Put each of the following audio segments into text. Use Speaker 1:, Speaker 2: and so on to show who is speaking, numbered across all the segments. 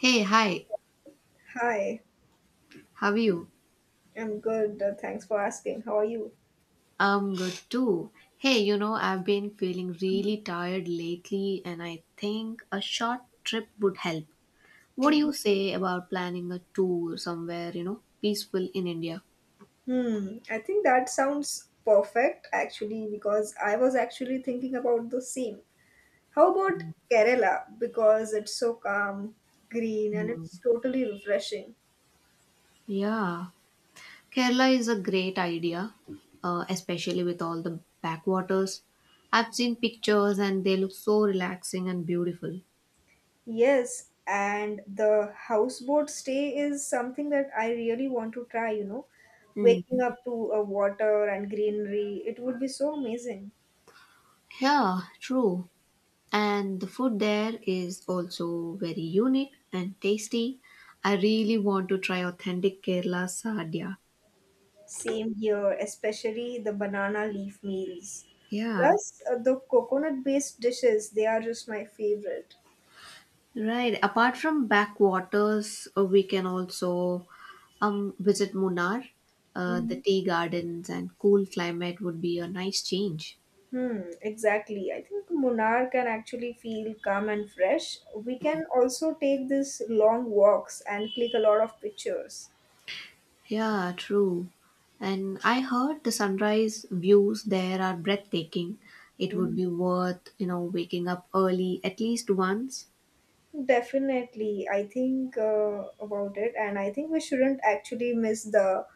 Speaker 1: Hey, hi,
Speaker 2: Hi,
Speaker 1: how are you?
Speaker 2: I'm good. Thanks for asking. How are you?
Speaker 1: I'm good too. Hey, I've been feeling really tired lately and I think a short trip would help. What do
Speaker 2: Mhm.
Speaker 1: you say about planning a tour somewhere, peaceful in India?
Speaker 2: I think that sounds perfect actually because I was actually thinking about the same. How about Kerala? Because it's so calm, green, and it's totally refreshing.
Speaker 1: Yeah, Kerala is a great idea, especially with all the backwaters. I've seen pictures and they look so relaxing and beautiful.
Speaker 2: Yes, and the houseboat stay is something that I really want to try. Waking
Speaker 1: Mm.
Speaker 2: up to a water and greenery, it would be so amazing.
Speaker 1: Yeah, true. And the food there is also very unique and tasty. I really want to try authentic Kerala sadhya.
Speaker 2: Same here, especially the banana leaf meals.
Speaker 1: Yeah,
Speaker 2: Plus, the coconut based dishes, they are just my favorite.
Speaker 1: right. Apart from backwaters, we can also visit Munnar. The
Speaker 2: Mhm.
Speaker 1: tea gardens and cool climate would be a nice change.
Speaker 2: Exactly. I think Munnar can actually feel calm and fresh. We can also take these long walks and click a lot of pictures.
Speaker 1: Yeah, true. And I heard the sunrise views there are breathtaking. It would
Speaker 2: Mhm.
Speaker 1: be worth waking up early at least once.
Speaker 2: Definitely, I think about it, and I think we shouldn't actually miss the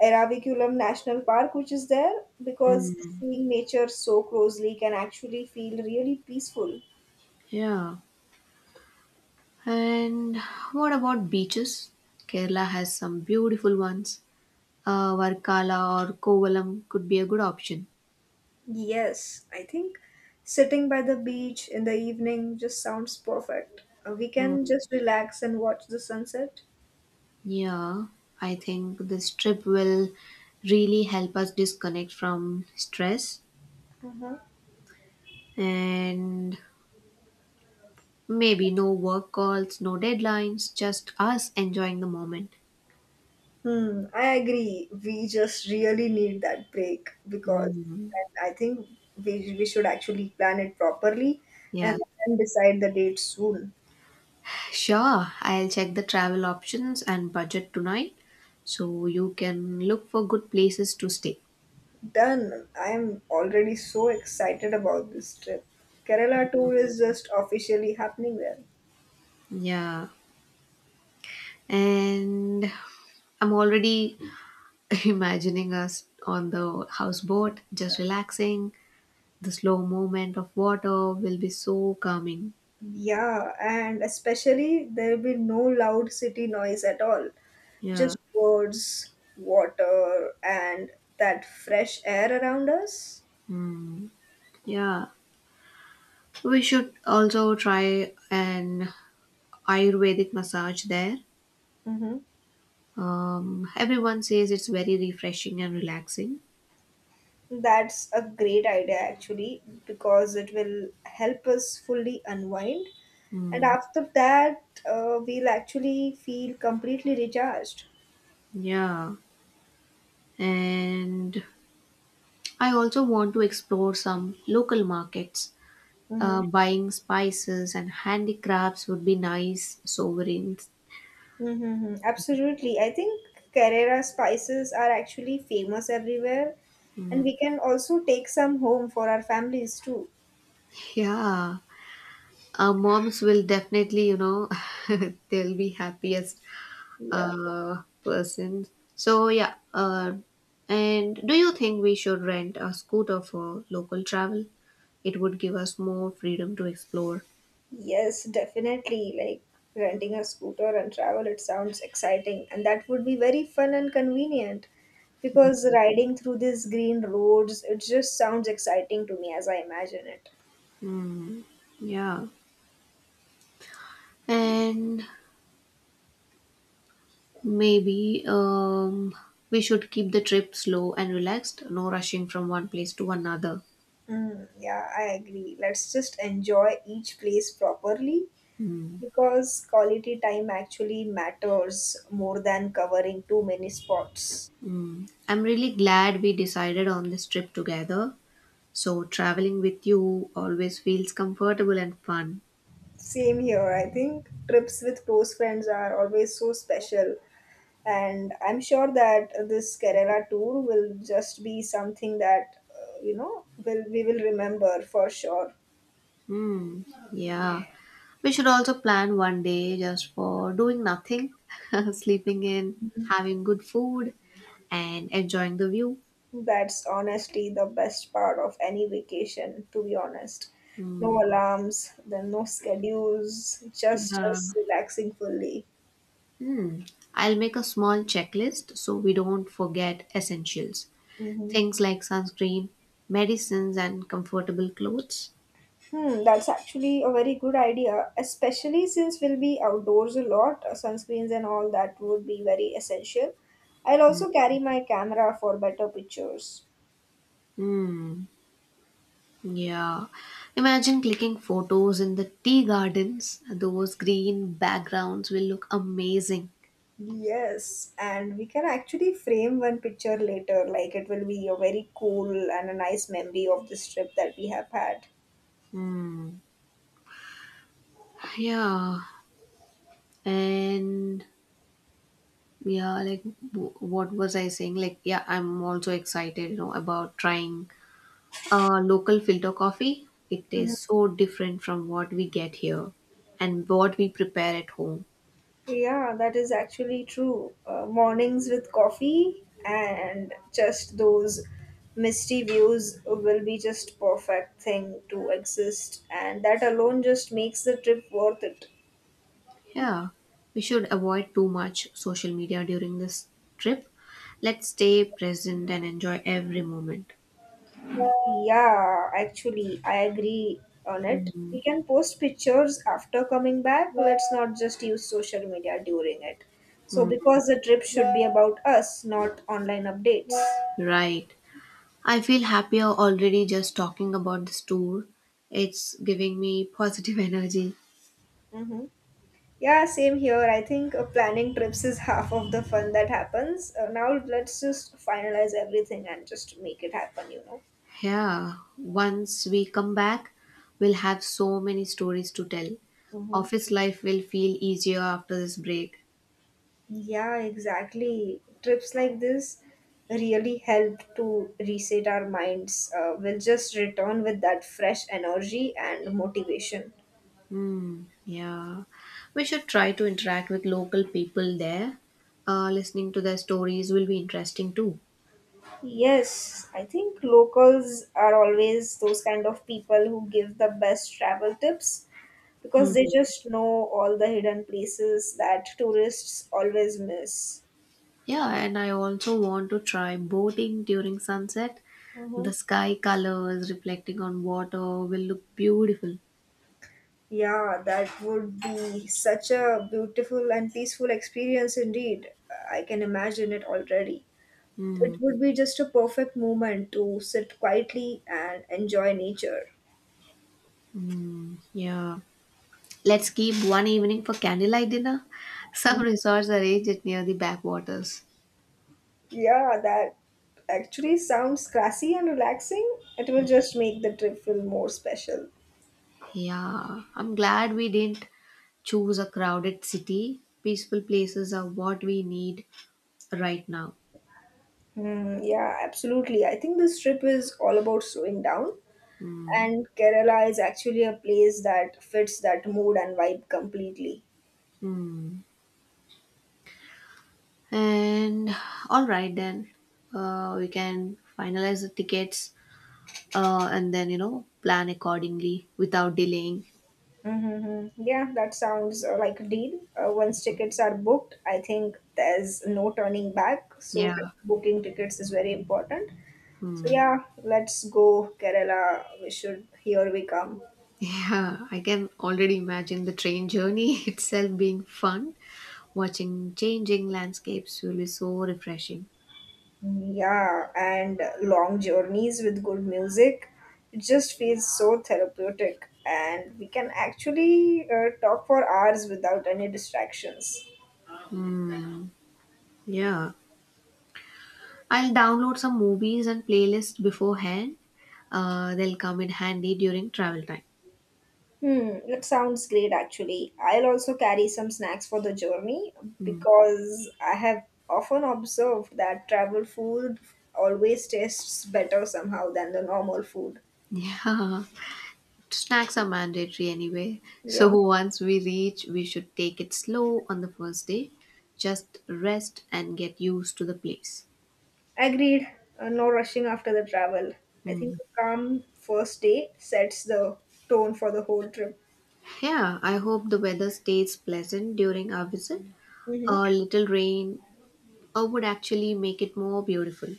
Speaker 2: Eravikulum National Park, which is there, because seeing nature so closely can actually feel really peaceful.
Speaker 1: Yeah. And what about beaches? Kerala has some beautiful ones. Varkala or Kovalam could be a good option.
Speaker 2: Yes, I think sitting by the beach in the evening just sounds perfect. We can
Speaker 1: Mm.
Speaker 2: just relax and watch the sunset.
Speaker 1: Yeah, I think this trip will really help us disconnect from stress,
Speaker 2: Uh-huh.
Speaker 1: and maybe no work calls, no deadlines, just us enjoying the moment.
Speaker 2: I agree. We just really need that break because,
Speaker 1: Mm.
Speaker 2: and I think we should actually plan it properly and,
Speaker 1: Yeah,
Speaker 2: and decide the date soon.
Speaker 1: sure. I'll check the travel options and budget tonight so you can look for good places to stay.
Speaker 2: Done. I am already so excited about this trip. Kerala tour is just officially happening there.
Speaker 1: Yeah. And I'm already imagining us on the houseboat, just relaxing. The slow movement of water will be so calming.
Speaker 2: Yeah, and especially there will be no loud city noise at all.
Speaker 1: Yeah,
Speaker 2: Just birds, water, and that fresh air around us.
Speaker 1: yeah. We should also try an Ayurvedic massage there.
Speaker 2: Mm-hmm.
Speaker 1: Everyone says it's very refreshing and relaxing.
Speaker 2: That's a great idea actually because it will help us fully unwind. And
Speaker 1: Mm,
Speaker 2: after that, we'll actually feel completely recharged.
Speaker 1: yeah, and I also want to explore some local markets,
Speaker 2: Mhm.
Speaker 1: buying spices and handicrafts would be nice sovereigns.
Speaker 2: Mm-hmm. Absolutely. I think Carrera spices are actually famous everywhere, and we can also take some home for our families too.
Speaker 1: Yeah, our moms will definitely, they'll be happiest
Speaker 2: Yeah.
Speaker 1: person. So yeah, and do you think we should rent a scooter for local travel? It would give us more freedom to explore.
Speaker 2: Yes, definitely. Like renting a scooter and travel, it sounds exciting, and that would be very fun and convenient because riding through these green roads, it just sounds exciting to me as I imagine it.
Speaker 1: Yeah, and maybe, we should keep the trip slow and relaxed, no rushing from one place to another.
Speaker 2: Mm, yeah, I agree. Let's just enjoy each place properly
Speaker 1: Hmm.
Speaker 2: because quality time actually matters more than covering too many spots.
Speaker 1: I'm really glad we decided on this trip together. So traveling with you always feels comfortable and fun.
Speaker 2: Same here, I think trips with close friends are always so special, and I'm sure that this Kerala tour will just be something that will we will remember for sure.
Speaker 1: Hmm. Yeah. We should also plan one day just for doing nothing, sleeping in,
Speaker 2: Mhm.
Speaker 1: having good food, and enjoying the view.
Speaker 2: That's honestly the best part of any vacation, to be honest. No alarms, then no schedules, just
Speaker 1: Yeah.
Speaker 2: us relaxing fully.
Speaker 1: Hmm. I'll make a small checklist so we don't forget essentials.
Speaker 2: Mhm.
Speaker 1: Things like sunscreen, medicines, and comfortable clothes.
Speaker 2: That's actually a very good idea, especially since we'll be outdoors a lot. Sunscreens and all that would be very essential. I'll also carry my camera for better pictures.
Speaker 1: Hmm. Yeah. Imagine clicking photos in the tea gardens. Those green backgrounds will look amazing.
Speaker 2: Yes, and we can actually frame one picture later. Like it will be a very cool and a nice memory of this trip that we have had.
Speaker 1: Yeah. And yeah, like what was I saying? Like, yeah, I'm also excited, about trying local filter coffee. It tastes so different from what we get here and what we prepare at home.
Speaker 2: Yeah, that is actually true. Mornings with coffee and just those misty views will be just perfect thing to exist and that alone just makes the trip worth it.
Speaker 1: Yeah. We should avoid too much social media during this trip. Let's stay present and enjoy every moment.
Speaker 2: Yeah, actually I agree on it. We
Speaker 1: Mm,
Speaker 2: can post pictures after coming back. Let's not just use social media during it. So because the trip should be about us, not online updates.
Speaker 1: right. I feel happier already just talking about this tour. It's giving me positive energy.
Speaker 2: Mm-hmm. Yeah, same here. I think planning trips is half of the fun that happens. Now let's just finalize everything and just make it happen.
Speaker 1: Yeah, once we come back, we'll have so many stories to tell.
Speaker 2: Mm-hmm.
Speaker 1: Office life will feel easier after this break.
Speaker 2: Yeah, exactly. Trips like this really help to reset our minds. We'll just return with that fresh energy and motivation.
Speaker 1: Hmm, yeah. We should try to interact with local people there. Listening to their stories will be interesting too.
Speaker 2: Yes, I think locals are always those kind of people who give the best travel tips, because
Speaker 1: Hmm.
Speaker 2: they just know all the hidden places that tourists always miss.
Speaker 1: Yeah, and I also want to try boating during sunset.
Speaker 2: Mm-hmm.
Speaker 1: The sky colors reflecting on water will look beautiful.
Speaker 2: Yeah, that would be such a beautiful and peaceful experience indeed. I can imagine it already. It
Speaker 1: Mm,
Speaker 2: would be just a perfect moment to sit quietly and enjoy nature.
Speaker 1: yeah. Let's keep one evening for candlelight dinner. Some resorts arrange it near the backwaters.
Speaker 2: Yeah, that actually sounds classy and relaxing. It will just make the trip feel more special.
Speaker 1: Yeah, I'm glad we didn't choose a crowded city. Peaceful places are what we need right now.
Speaker 2: Hmm, yeah, absolutely. I think this trip is all about slowing down
Speaker 1: Mm,
Speaker 2: and Kerala is actually a place that fits that mood and vibe completely.
Speaker 1: mm. And all right, then, we can finalize the tickets, and then, plan accordingly without delaying.
Speaker 2: Mm-hmm. Yeah, that sounds like a deal. Once tickets are booked, I think there's no turning back. So
Speaker 1: Yeah.
Speaker 2: booking tickets is very important. So
Speaker 1: Hmm.
Speaker 2: yeah, let's go Kerala. We should here we come.
Speaker 1: Yeah, I can already imagine the train journey itself being fun. Watching changing landscapes will be so refreshing.
Speaker 2: Yeah, and long journeys with good music. It just feels so therapeutic, and we can actually talk for hours without any distractions.
Speaker 1: Yeah, I'll download some movies and playlists beforehand. They'll come in handy during travel time.
Speaker 2: That sounds great actually. I'll also carry some snacks for the journey
Speaker 1: Hmm.
Speaker 2: because I have often observed that travel food always tastes better somehow than the normal food.
Speaker 1: Yeah. Snacks are mandatory anyway, so
Speaker 2: Yeah,
Speaker 1: once we reach, we should take it slow on the first day. Just rest and get used to the place.
Speaker 2: agreed. No rushing after the travel. I think
Speaker 1: Mm.
Speaker 2: a calm first day sets the tone for the whole trip.
Speaker 1: Yeah, I hope the weather stays pleasant during our visit. A
Speaker 2: hmm
Speaker 1: little rain would actually make it more beautiful.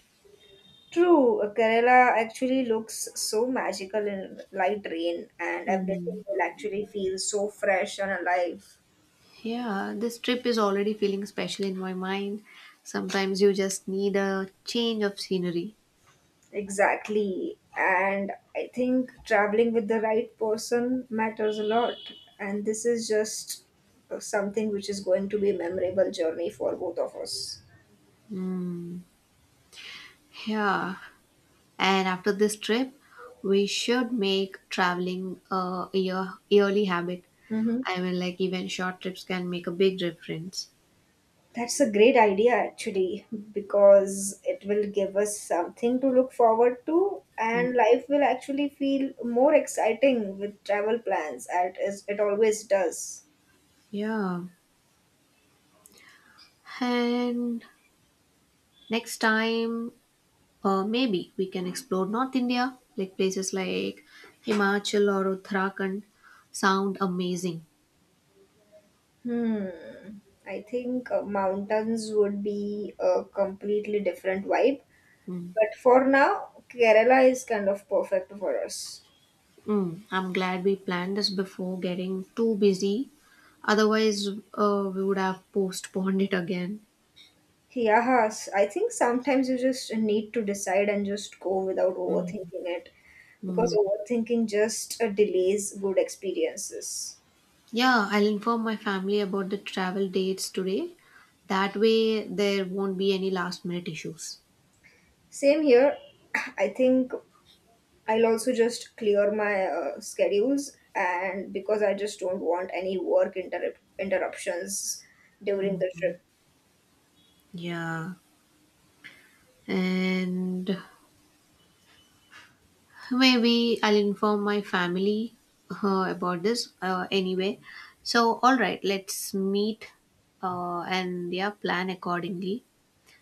Speaker 2: True, Kerala actually looks so magical in light rain, and everything
Speaker 1: Mm.
Speaker 2: will actually feel so fresh and alive.
Speaker 1: Yeah, this trip is already feeling special in my mind. Sometimes you just need a change of scenery.
Speaker 2: Exactly. And I think traveling with the right person matters a lot. And this is just something which is going to be a memorable journey for both of us.
Speaker 1: Yeah, and after this trip, we should make traveling a yearly habit.
Speaker 2: Mm-hmm.
Speaker 1: I mean, like even short trips can make a big difference.
Speaker 2: That's a great idea, actually, because it will give us something to look forward to, and life will actually feel more exciting with travel plans, as it always does.
Speaker 1: Yeah. And next time, maybe we can explore North India, like places like Himachal or Uttarakhand. Sound amazing.
Speaker 2: Hmm. I think mountains would be a completely different vibe.
Speaker 1: Mm.
Speaker 2: But for now, Kerala is kind of perfect for us.
Speaker 1: Mm. I'm glad we planned this before getting too busy. Otherwise, we would have postponed it again.
Speaker 2: Yes, I think sometimes you just need to decide and just go without overthinking it because overthinking just delays good experiences.
Speaker 1: Yeah, I'll inform my family about the travel dates today. That way, there won't be any last minute issues.
Speaker 2: Same here. I think I'll also just clear my schedules and because I just don't want any work interruptions during the trip.
Speaker 1: Yeah, and maybe I'll inform my family about this anyway. So, all right, let's meet, and yeah, plan accordingly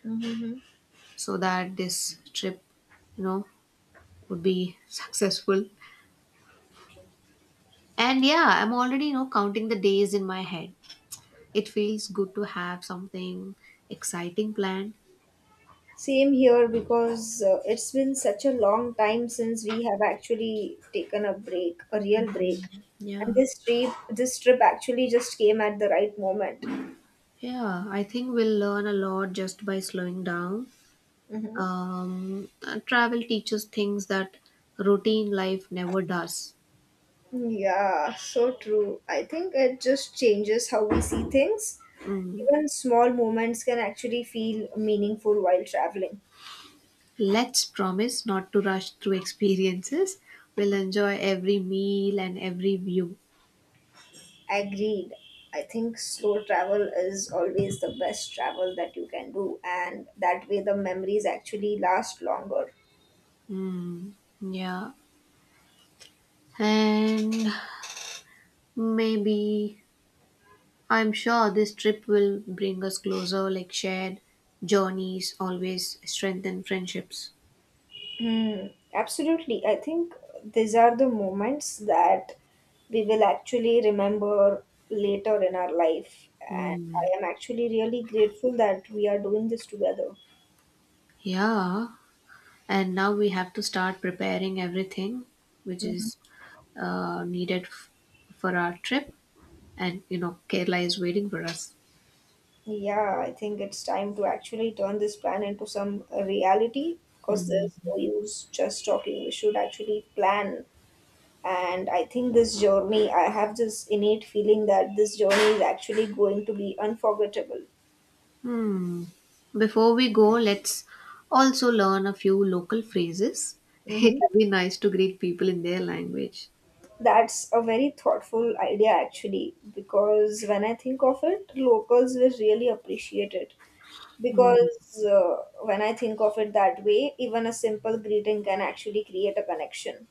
Speaker 2: Mhm.
Speaker 1: so that this trip, you know, would be successful. And yeah, I'm already, counting the days in my head. It feels good to have something exciting planned.
Speaker 2: Same here because it's been such a long time since we have actually taken a break, a real break. And
Speaker 1: Yeah.
Speaker 2: this trip actually just came at the right moment.
Speaker 1: Yeah, I think we'll learn a lot just by slowing down.
Speaker 2: Hmm,
Speaker 1: Travel teaches things that routine life never does.
Speaker 2: yeah, so true. I think it just changes how we see things.
Speaker 1: Mm.
Speaker 2: Even small moments can actually feel meaningful while traveling.
Speaker 1: Let's promise not to rush through experiences. We'll enjoy every meal and every view.
Speaker 2: Agreed. I think slow travel is always the best travel that you can do, and that way the memories actually last longer.
Speaker 1: Yeah. And maybe I'm sure this trip will bring us closer, like shared journeys always strengthen friendships.
Speaker 2: Hmm, Absolutely. I think these are the moments that we will actually remember later in our life. And
Speaker 1: Mm,
Speaker 2: I am actually really grateful that we are doing this together.
Speaker 1: yeah, and now we have to start preparing everything which
Speaker 2: Mhm.
Speaker 1: is uh, needed f- for our trip, and Kerala is waiting for us.
Speaker 2: Yeah, I think it's time to actually turn this plan into some reality because there's no use just talking. We should actually plan. And I think this journey, I have this innate feeling that this journey is actually going to be unforgettable.
Speaker 1: Hmm. Before we go, let's also learn a few local phrases. It
Speaker 2: Mhm.
Speaker 1: would be nice to greet people in their language.
Speaker 2: That's a very thoughtful idea, actually, because when I think of it, locals will really appreciate it. Because when I think of it that way, even a simple greeting can actually create a connection.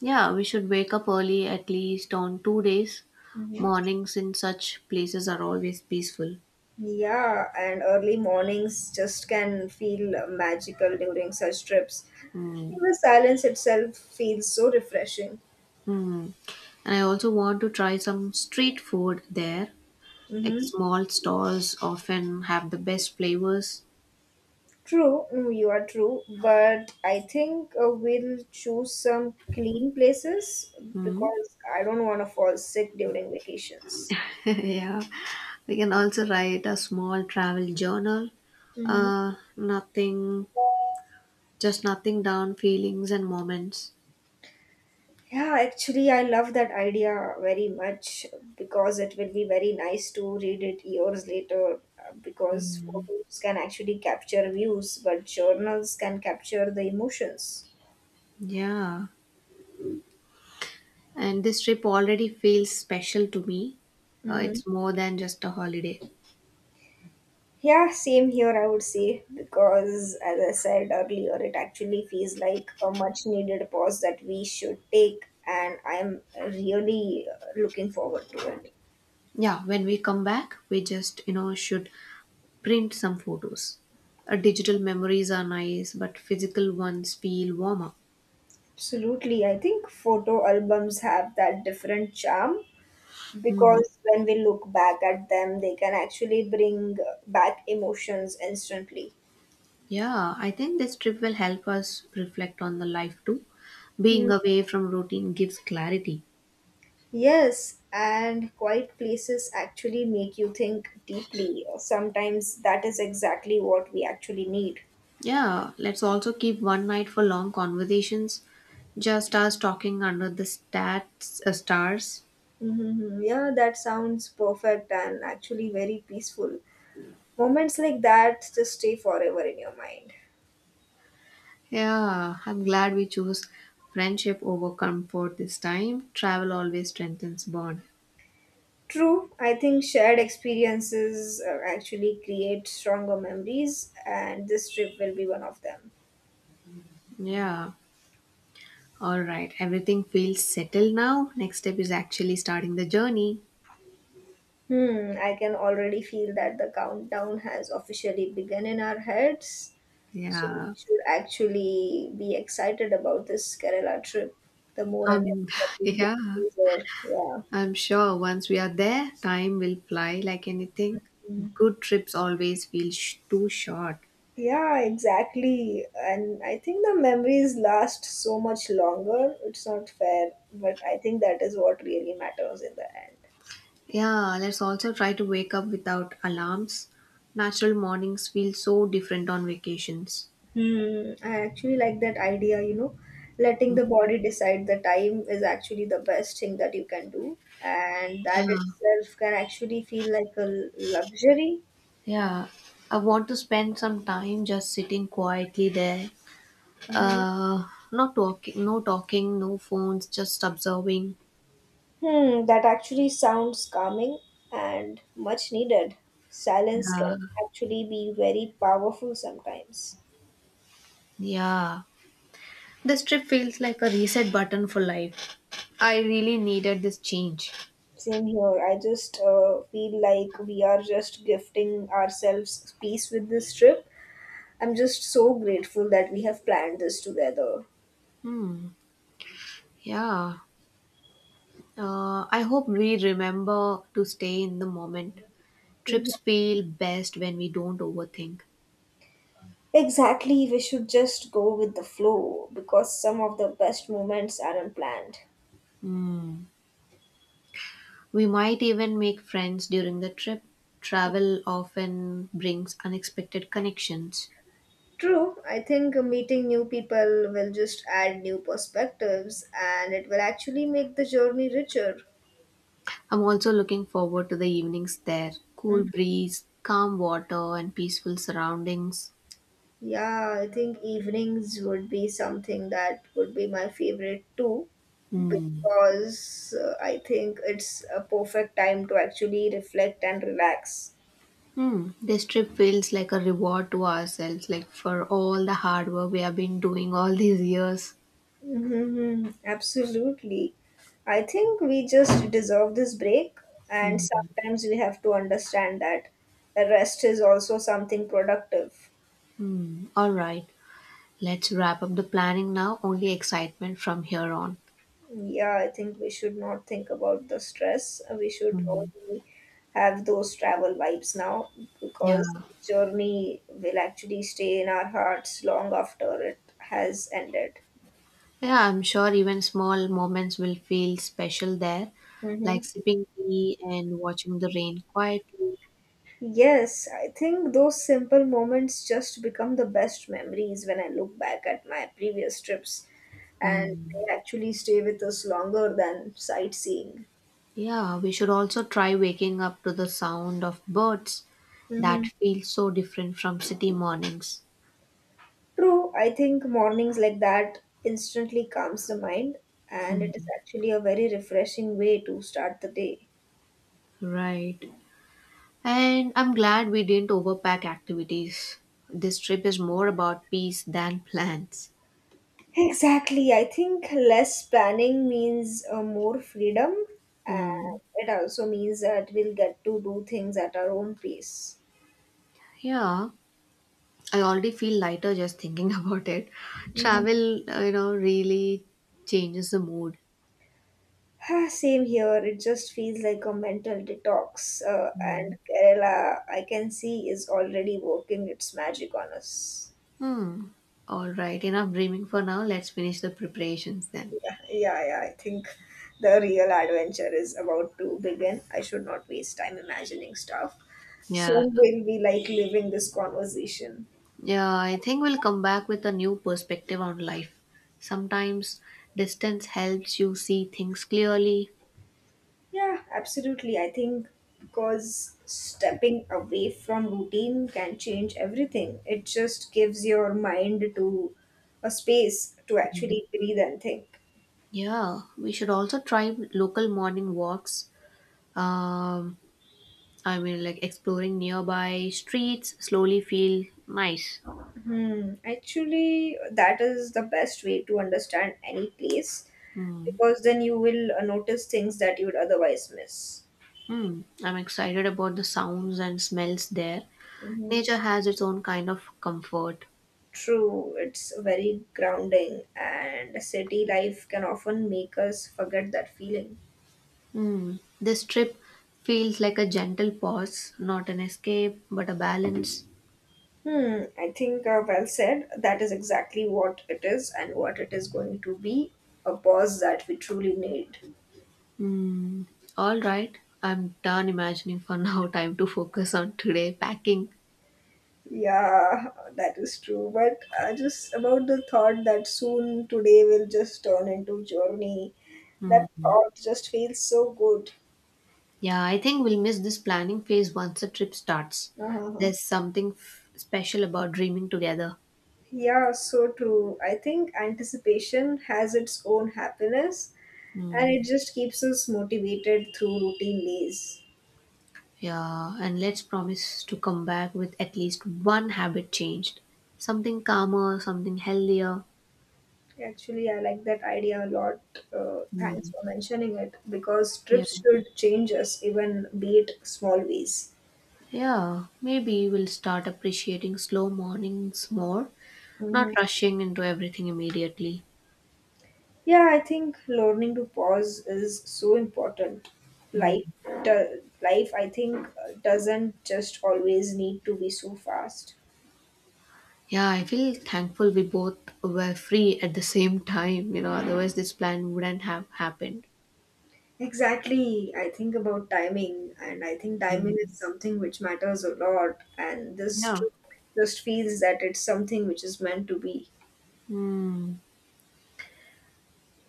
Speaker 1: Yeah, we should wake up early at least on 2 days.
Speaker 2: Hmm,
Speaker 1: Mornings in such places are always peaceful.
Speaker 2: yeah, and early mornings just can feel magical during such trips.
Speaker 1: Hmm.
Speaker 2: The silence itself feels so refreshing.
Speaker 1: Hmm. And I also want to try some street food there. Like
Speaker 2: hmm
Speaker 1: small stalls often have the best flavors.
Speaker 2: True, you are true, but I think we'll choose some clean places
Speaker 1: Hmm.
Speaker 2: because I don't want to fall sick during vacations.
Speaker 1: Yeah, we can also write a small travel journal.
Speaker 2: Mm-hmm.
Speaker 1: Nothing, Just nothing down, feelings and moments.
Speaker 2: Yeah, actually, I love that idea very much because it will be very nice to read it years later, because photos can actually capture views, but journals can capture the emotions.
Speaker 1: Yeah. And this trip already feels special to me. It's more than just a holiday.
Speaker 2: Yeah, same here, I would say, because as I said earlier, it actually feels like a much needed pause that we should take, and I'm really looking forward to it.
Speaker 1: Yeah, when we come back, we just, should print some photos. Digital memories are nice, but physical ones feel warmer.
Speaker 2: Absolutely. I think photo albums have that different charm
Speaker 1: Mhm.
Speaker 2: because when we look back at them, they can actually bring back emotions instantly.
Speaker 1: Yeah, I think this trip will help us reflect on the life too. Being
Speaker 2: Mm.
Speaker 1: away from routine gives clarity.
Speaker 2: Yes, and quiet places actually make you think deeply. Sometimes that is exactly what we actually need.
Speaker 1: Yeah, let's also keep one night for long conversations. Just us talking under the stars.
Speaker 2: Mm-hmm. Yeah, that sounds perfect and actually very peaceful. Moments like that just stay forever in your mind.
Speaker 1: Yeah, I'm glad we chose friendship over comfort this time. Travel always strengthens bond.
Speaker 2: True, I think shared experiences actually create stronger memories, and this trip will be one of them.
Speaker 1: Yeah. All right. Everything feels settled now. Next step is actually starting the journey.
Speaker 2: I can already feel that the countdown has officially begun in our heads, so we
Speaker 1: Yeah.
Speaker 2: should actually be excited about this Kerala trip. The more and
Speaker 1: Um
Speaker 2: more that we go,
Speaker 1: yeah.
Speaker 2: the easier.
Speaker 1: I'm sure once we are there, time will fly like anything.
Speaker 2: Yeah.
Speaker 1: Good trips always feel too short.
Speaker 2: Yeah, exactly. And I think the memories last so much longer. It's not fair, but I think that is what really matters in the end.
Speaker 1: Yeah, let's also try to wake up without alarms. Natural mornings feel so different on vacations.
Speaker 2: I actually like that idea, letting the body decide the time is actually the best thing that you can do. And that itself can actually feel like a luxury.
Speaker 1: Yeah, I want to spend some time just sitting quietly there.
Speaker 2: hmm
Speaker 1: Uh, not talking, No talking, no phones, just observing.
Speaker 2: That actually sounds calming and much needed. Silence can
Speaker 1: Yeah,
Speaker 2: actually be very powerful sometimes.
Speaker 1: yeah. This trip feels like a reset button for life. I really needed this change.
Speaker 2: Same here. I just feel like we are just gifting ourselves peace with this trip. I'm just so grateful that we have planned this together.
Speaker 1: Hmm. Yeah. I hope we remember to stay in the moment.
Speaker 2: Mhm.
Speaker 1: Trips feel best when we don't overthink.
Speaker 2: Exactly, we should just go with the flow because some of the best moments are unplanned.
Speaker 1: We might even make friends during the trip. Travel often brings unexpected connections.
Speaker 2: True, I think meeting new people will just add new perspectives and it will actually make the journey richer.
Speaker 1: I'm also looking forward to the evenings there. Cool breeze, calm water, and peaceful surroundings.
Speaker 2: Yeah, I think evenings would be something that would be my favorite too,
Speaker 1: Hmm.
Speaker 2: because I think it's a perfect time to actually reflect and relax.
Speaker 1: Hmm. This trip feels like a reward to ourselves, like for all the hard work we have been doing all these years.
Speaker 2: Absolutely. I think we just deserve this break, and
Speaker 1: Hmm.
Speaker 2: sometimes we have to understand that the rest is also something productive.
Speaker 1: Hmm. All right. Let's wrap up the planning now. Only excitement from here on.
Speaker 2: Yeah, I think we should not think about the stress. We should
Speaker 1: Hmm.
Speaker 2: only have those travel vibes now
Speaker 1: Yeah.
Speaker 2: because the journey will actually stay in our hearts long after it has ended.
Speaker 1: Yeah, I'm sure even small moments will feel special there, like
Speaker 2: Mm-hmm.
Speaker 1: sipping tea and watching the rain quietly.
Speaker 2: Yes, I think those simple moments just become the best memories when I look back at my previous trips, and
Speaker 1: Mm.
Speaker 2: they actually stay with us longer than sightseeing.
Speaker 1: Yeah, we should also try waking up to the sound of birds that
Speaker 2: Mm-hmm.
Speaker 1: feel so different from city mornings.
Speaker 2: True, I think mornings like that instantly calms the mind, and it is
Speaker 1: Mm.
Speaker 2: actually a very refreshing way to start the day.
Speaker 1: Right. And I'm glad we didn't overpack activities. This trip is more about peace than plans.
Speaker 2: Exactly, I think less planning means more freedom, and
Speaker 1: Mm.
Speaker 2: it also means that we'll get to do things at our own pace.
Speaker 1: Yeah. I already feel lighter just thinking about it.
Speaker 2: Mhm.
Speaker 1: Travel, really changes the mood.
Speaker 2: Same here, it just feels like a mental detox, and
Speaker 1: Mm.
Speaker 2: Kerala, I can see, is already working its magic on us.
Speaker 1: Hmm. All right, enough dreaming for now. Let's finish the preparations then.
Speaker 2: Yeah, yeah, yeah. I think the real adventure is about to begin. I should not waste time imagining stuff.
Speaker 1: Yeah.
Speaker 2: Soon we'll be like living this conversation.
Speaker 1: Yeah, I think we'll come back with a new perspective on life. Sometimes distance helps you see things clearly.
Speaker 2: Yeah, absolutely. I think because stepping away from routine can change everything. It just gives your mind to a space to actually breathe and think.
Speaker 1: Yeah, we should also try local morning walks. Um, I mean, like exploring nearby streets slowly feel nice.
Speaker 2: Hmm. Actually, that is the best way to understand any place
Speaker 1: Hmm.
Speaker 2: because then you will notice things that you would otherwise miss.
Speaker 1: Hmm, I'm excited about the sounds and smells there.
Speaker 2: Hmm.
Speaker 1: Nature has its own kind of comfort.
Speaker 2: True, it's very grounding, and city life can often make us forget that feeling.
Speaker 1: Hmm, this trip feels like a gentle pause, not an escape, but a balance.
Speaker 2: Hmm, I think well said. That is exactly what it is and what it is going to be, a pause that we truly need.
Speaker 1: Hmm, all right, I'm done imagining for now. Time to focus on today packing.
Speaker 2: Yeah, that is true. But just about the thought that soon today will just turn into journey, that thought just feels so good.
Speaker 1: Yeah, I think we'll miss this planning phase once the trip starts.
Speaker 2: Uh-huh.
Speaker 1: There's something special about dreaming together.
Speaker 2: Yeah, so true. I think anticipation has its own happiness and
Speaker 1: Hmm.
Speaker 2: it just keeps us motivated through routine days.
Speaker 1: Yeah, and let's promise to come back with at least one habit changed. Something calmer, something healthier.
Speaker 2: Actually, I like that idea a lot. Thanks
Speaker 1: Hmm.
Speaker 2: for mentioning it because
Speaker 1: Yeah.
Speaker 2: trips should change us, even be it small ways.
Speaker 1: Yeah, maybe we'll start appreciating slow mornings more, not
Speaker 2: Hmm.
Speaker 1: rushing into everything immediately.
Speaker 2: Yeah, I think learning to pause is so important.
Speaker 1: Hmm.
Speaker 2: Life, Life, I think, doesn't just always need to be so fast.
Speaker 1: Yeah, I feel thankful we both were free at the same time, otherwise this plan wouldn't have happened.
Speaker 2: Exactly. I think about timing, and I think timing is something which matters a lot. And this
Speaker 1: Yeah.
Speaker 2: trip just feels that it's something which is meant to be.
Speaker 1: Hmm.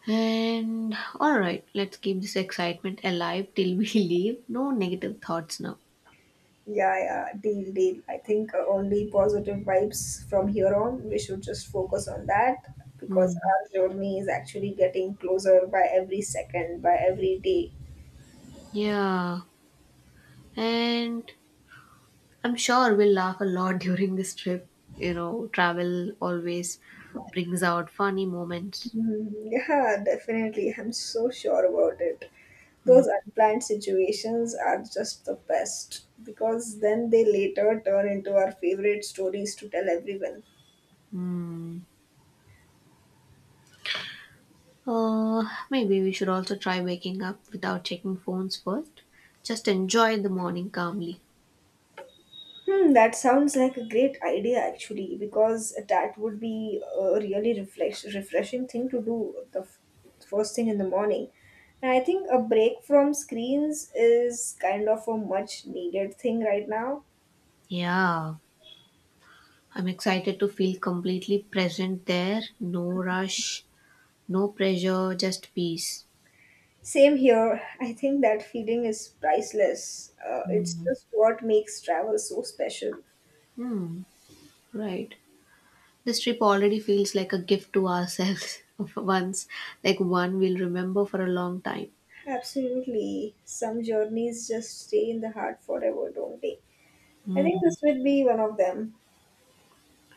Speaker 1: And all right, let's keep this excitement alive till we leave. No negative thoughts now.
Speaker 2: Yeah, yeah, deal, deal. I think only positive vibes from here on. We should just focus on that because
Speaker 1: Mm,
Speaker 2: our journey is actually getting closer by every second, by every day.
Speaker 1: yeah, and I'm sure we'll laugh a lot during this trip. You know, travel always brings out funny moments.
Speaker 2: Mm, yeah, definitely. I'm so sure about it. Those unplanned situations are just the best because then they later turn into our favorite stories to tell everyone.
Speaker 1: Hmm. Uh, Maybe we should also try waking up without checking phones first. Just enjoy the morning calmly.
Speaker 2: Hmm, that sounds like a great idea actually because that would be a really refreshing thing to do the first thing in the morning. And I think a break from screens is kind of a much needed thing right now.
Speaker 1: Yeah, I'm excited to feel completely present there. No rush, no pressure, just peace.
Speaker 2: Same here. I think that feeling is priceless. It's
Speaker 1: Hmm.
Speaker 2: just what makes travel so special.
Speaker 1: Hmm. Right. This trip already feels like a gift to ourselves of once, like one we'll remember for a long time.
Speaker 2: Absolutely. Some journeys just stay in the heart forever, don't they? I think
Speaker 1: Mm,
Speaker 2: this would be one of them.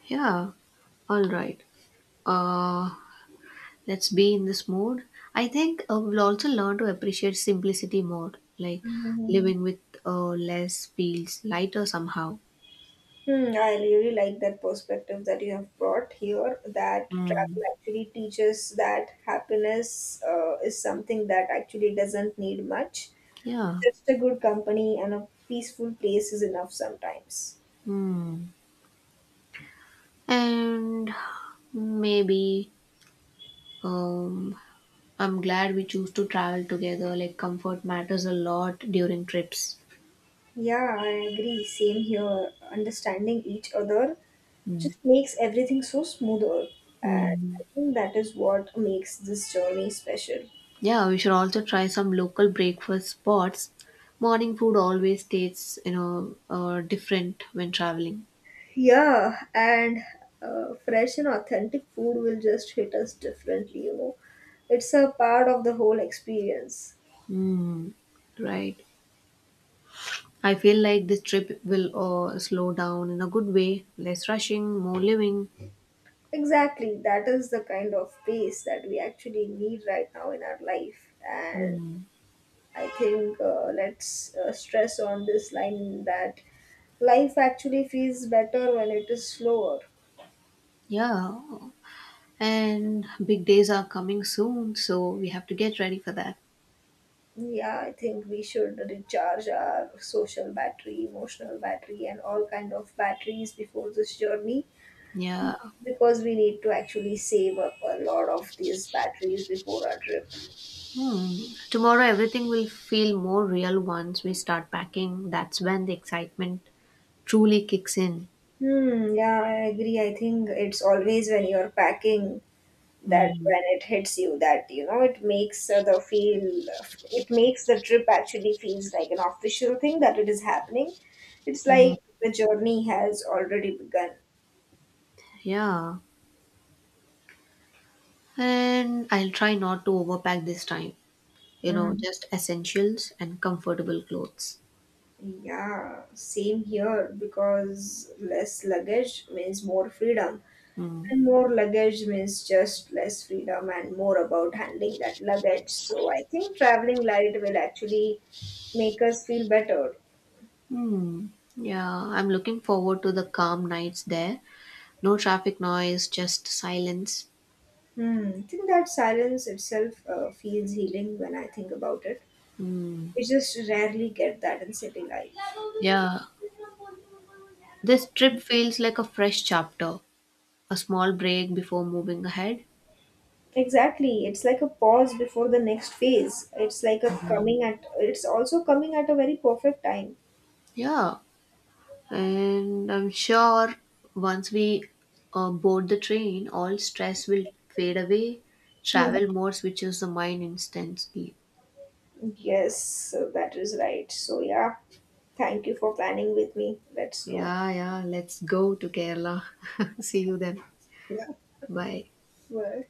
Speaker 1: yeah, all right. Uh, let's be in this mode. I think, we'll also learn to appreciate simplicity more, like
Speaker 2: Mhm.
Speaker 1: living with less feels lighter somehow.
Speaker 2: Hmm, I really like that perspective that you have brought here that
Speaker 1: Mm,
Speaker 2: travel actually teaches that happiness is something that actually doesn't need much.
Speaker 1: yeah.
Speaker 2: Just a good company and a peaceful place is enough sometimes.
Speaker 1: Mm. And maybe, um, I'm glad we choose to travel together. Like comfort matters a lot during trips.
Speaker 2: Yeah, I agree. Same here. Understanding each other just makes everything so smoother. And
Speaker 1: Mm.
Speaker 2: I think that is what makes this journey special.
Speaker 1: Yeah, we should also try some local breakfast spots. Morning food always tastes, different when traveling.
Speaker 2: Yeah, and fresh and authentic food will just hit us differently, you know. It's a part of the whole experience.
Speaker 1: Mm. Right. I feel like this trip will slow down in a good way. Less rushing, more living.
Speaker 2: Exactly, that is the kind of pace that we actually need right now in our life. And
Speaker 1: Mm.
Speaker 2: I think let's stress on this line that life actually feels better when it is slower.
Speaker 1: Yeah. And big days are coming soon, so we have to get ready for that.
Speaker 2: Yeah, I think we should recharge our social battery, emotional battery and all kind of batteries before this journey
Speaker 1: Yeah.
Speaker 2: because we need to actually save up a lot of these batteries before our trip.
Speaker 1: Hmm. Tomorrow everything will feel more real once we start packing. That's when the excitement truly kicks in.
Speaker 2: Hmm, yeah, I agree. I think it's always when you're packing, that
Speaker 1: Mm,
Speaker 2: when it hits you that, you know, it makes the feel, it makes the trip actually feels like an official thing that it is happening. It's like the journey has already begun.
Speaker 1: yeah. And I'll try not to overpack this time. You know,
Speaker 2: Hmm.
Speaker 1: just essentials and comfortable clothes.
Speaker 2: Yeah, same here because less luggage means more freedom,
Speaker 1: Mm.
Speaker 2: and more luggage means just less freedom and more about handling that luggage. So I think traveling light will actually make us feel better.
Speaker 1: Hmm. Yeah, I'm looking forward to the calm nights there. No traffic noise, just silence.
Speaker 2: Hmm. I think that silence itself feels healing when I think about it.
Speaker 1: Hmm.
Speaker 2: We just rarely get that in city life.
Speaker 1: Yeah. This trip feels like a fresh chapter, a small break before moving ahead.
Speaker 2: Exactly. It's like a pause before the next phase. It's like a it's also coming at a very perfect time.
Speaker 1: Yeah. And I'm sure once we, board the train, all stress will fade away.
Speaker 2: Mhm.
Speaker 1: Travel mode switches the mind instantly.
Speaker 2: Yes, so that is right. So, yeah, thank you for planning with me. Let's go.
Speaker 1: Yeah, yeah, let's go to Kerala. See you then.
Speaker 2: Yeah,
Speaker 1: Bye.
Speaker 2: bye.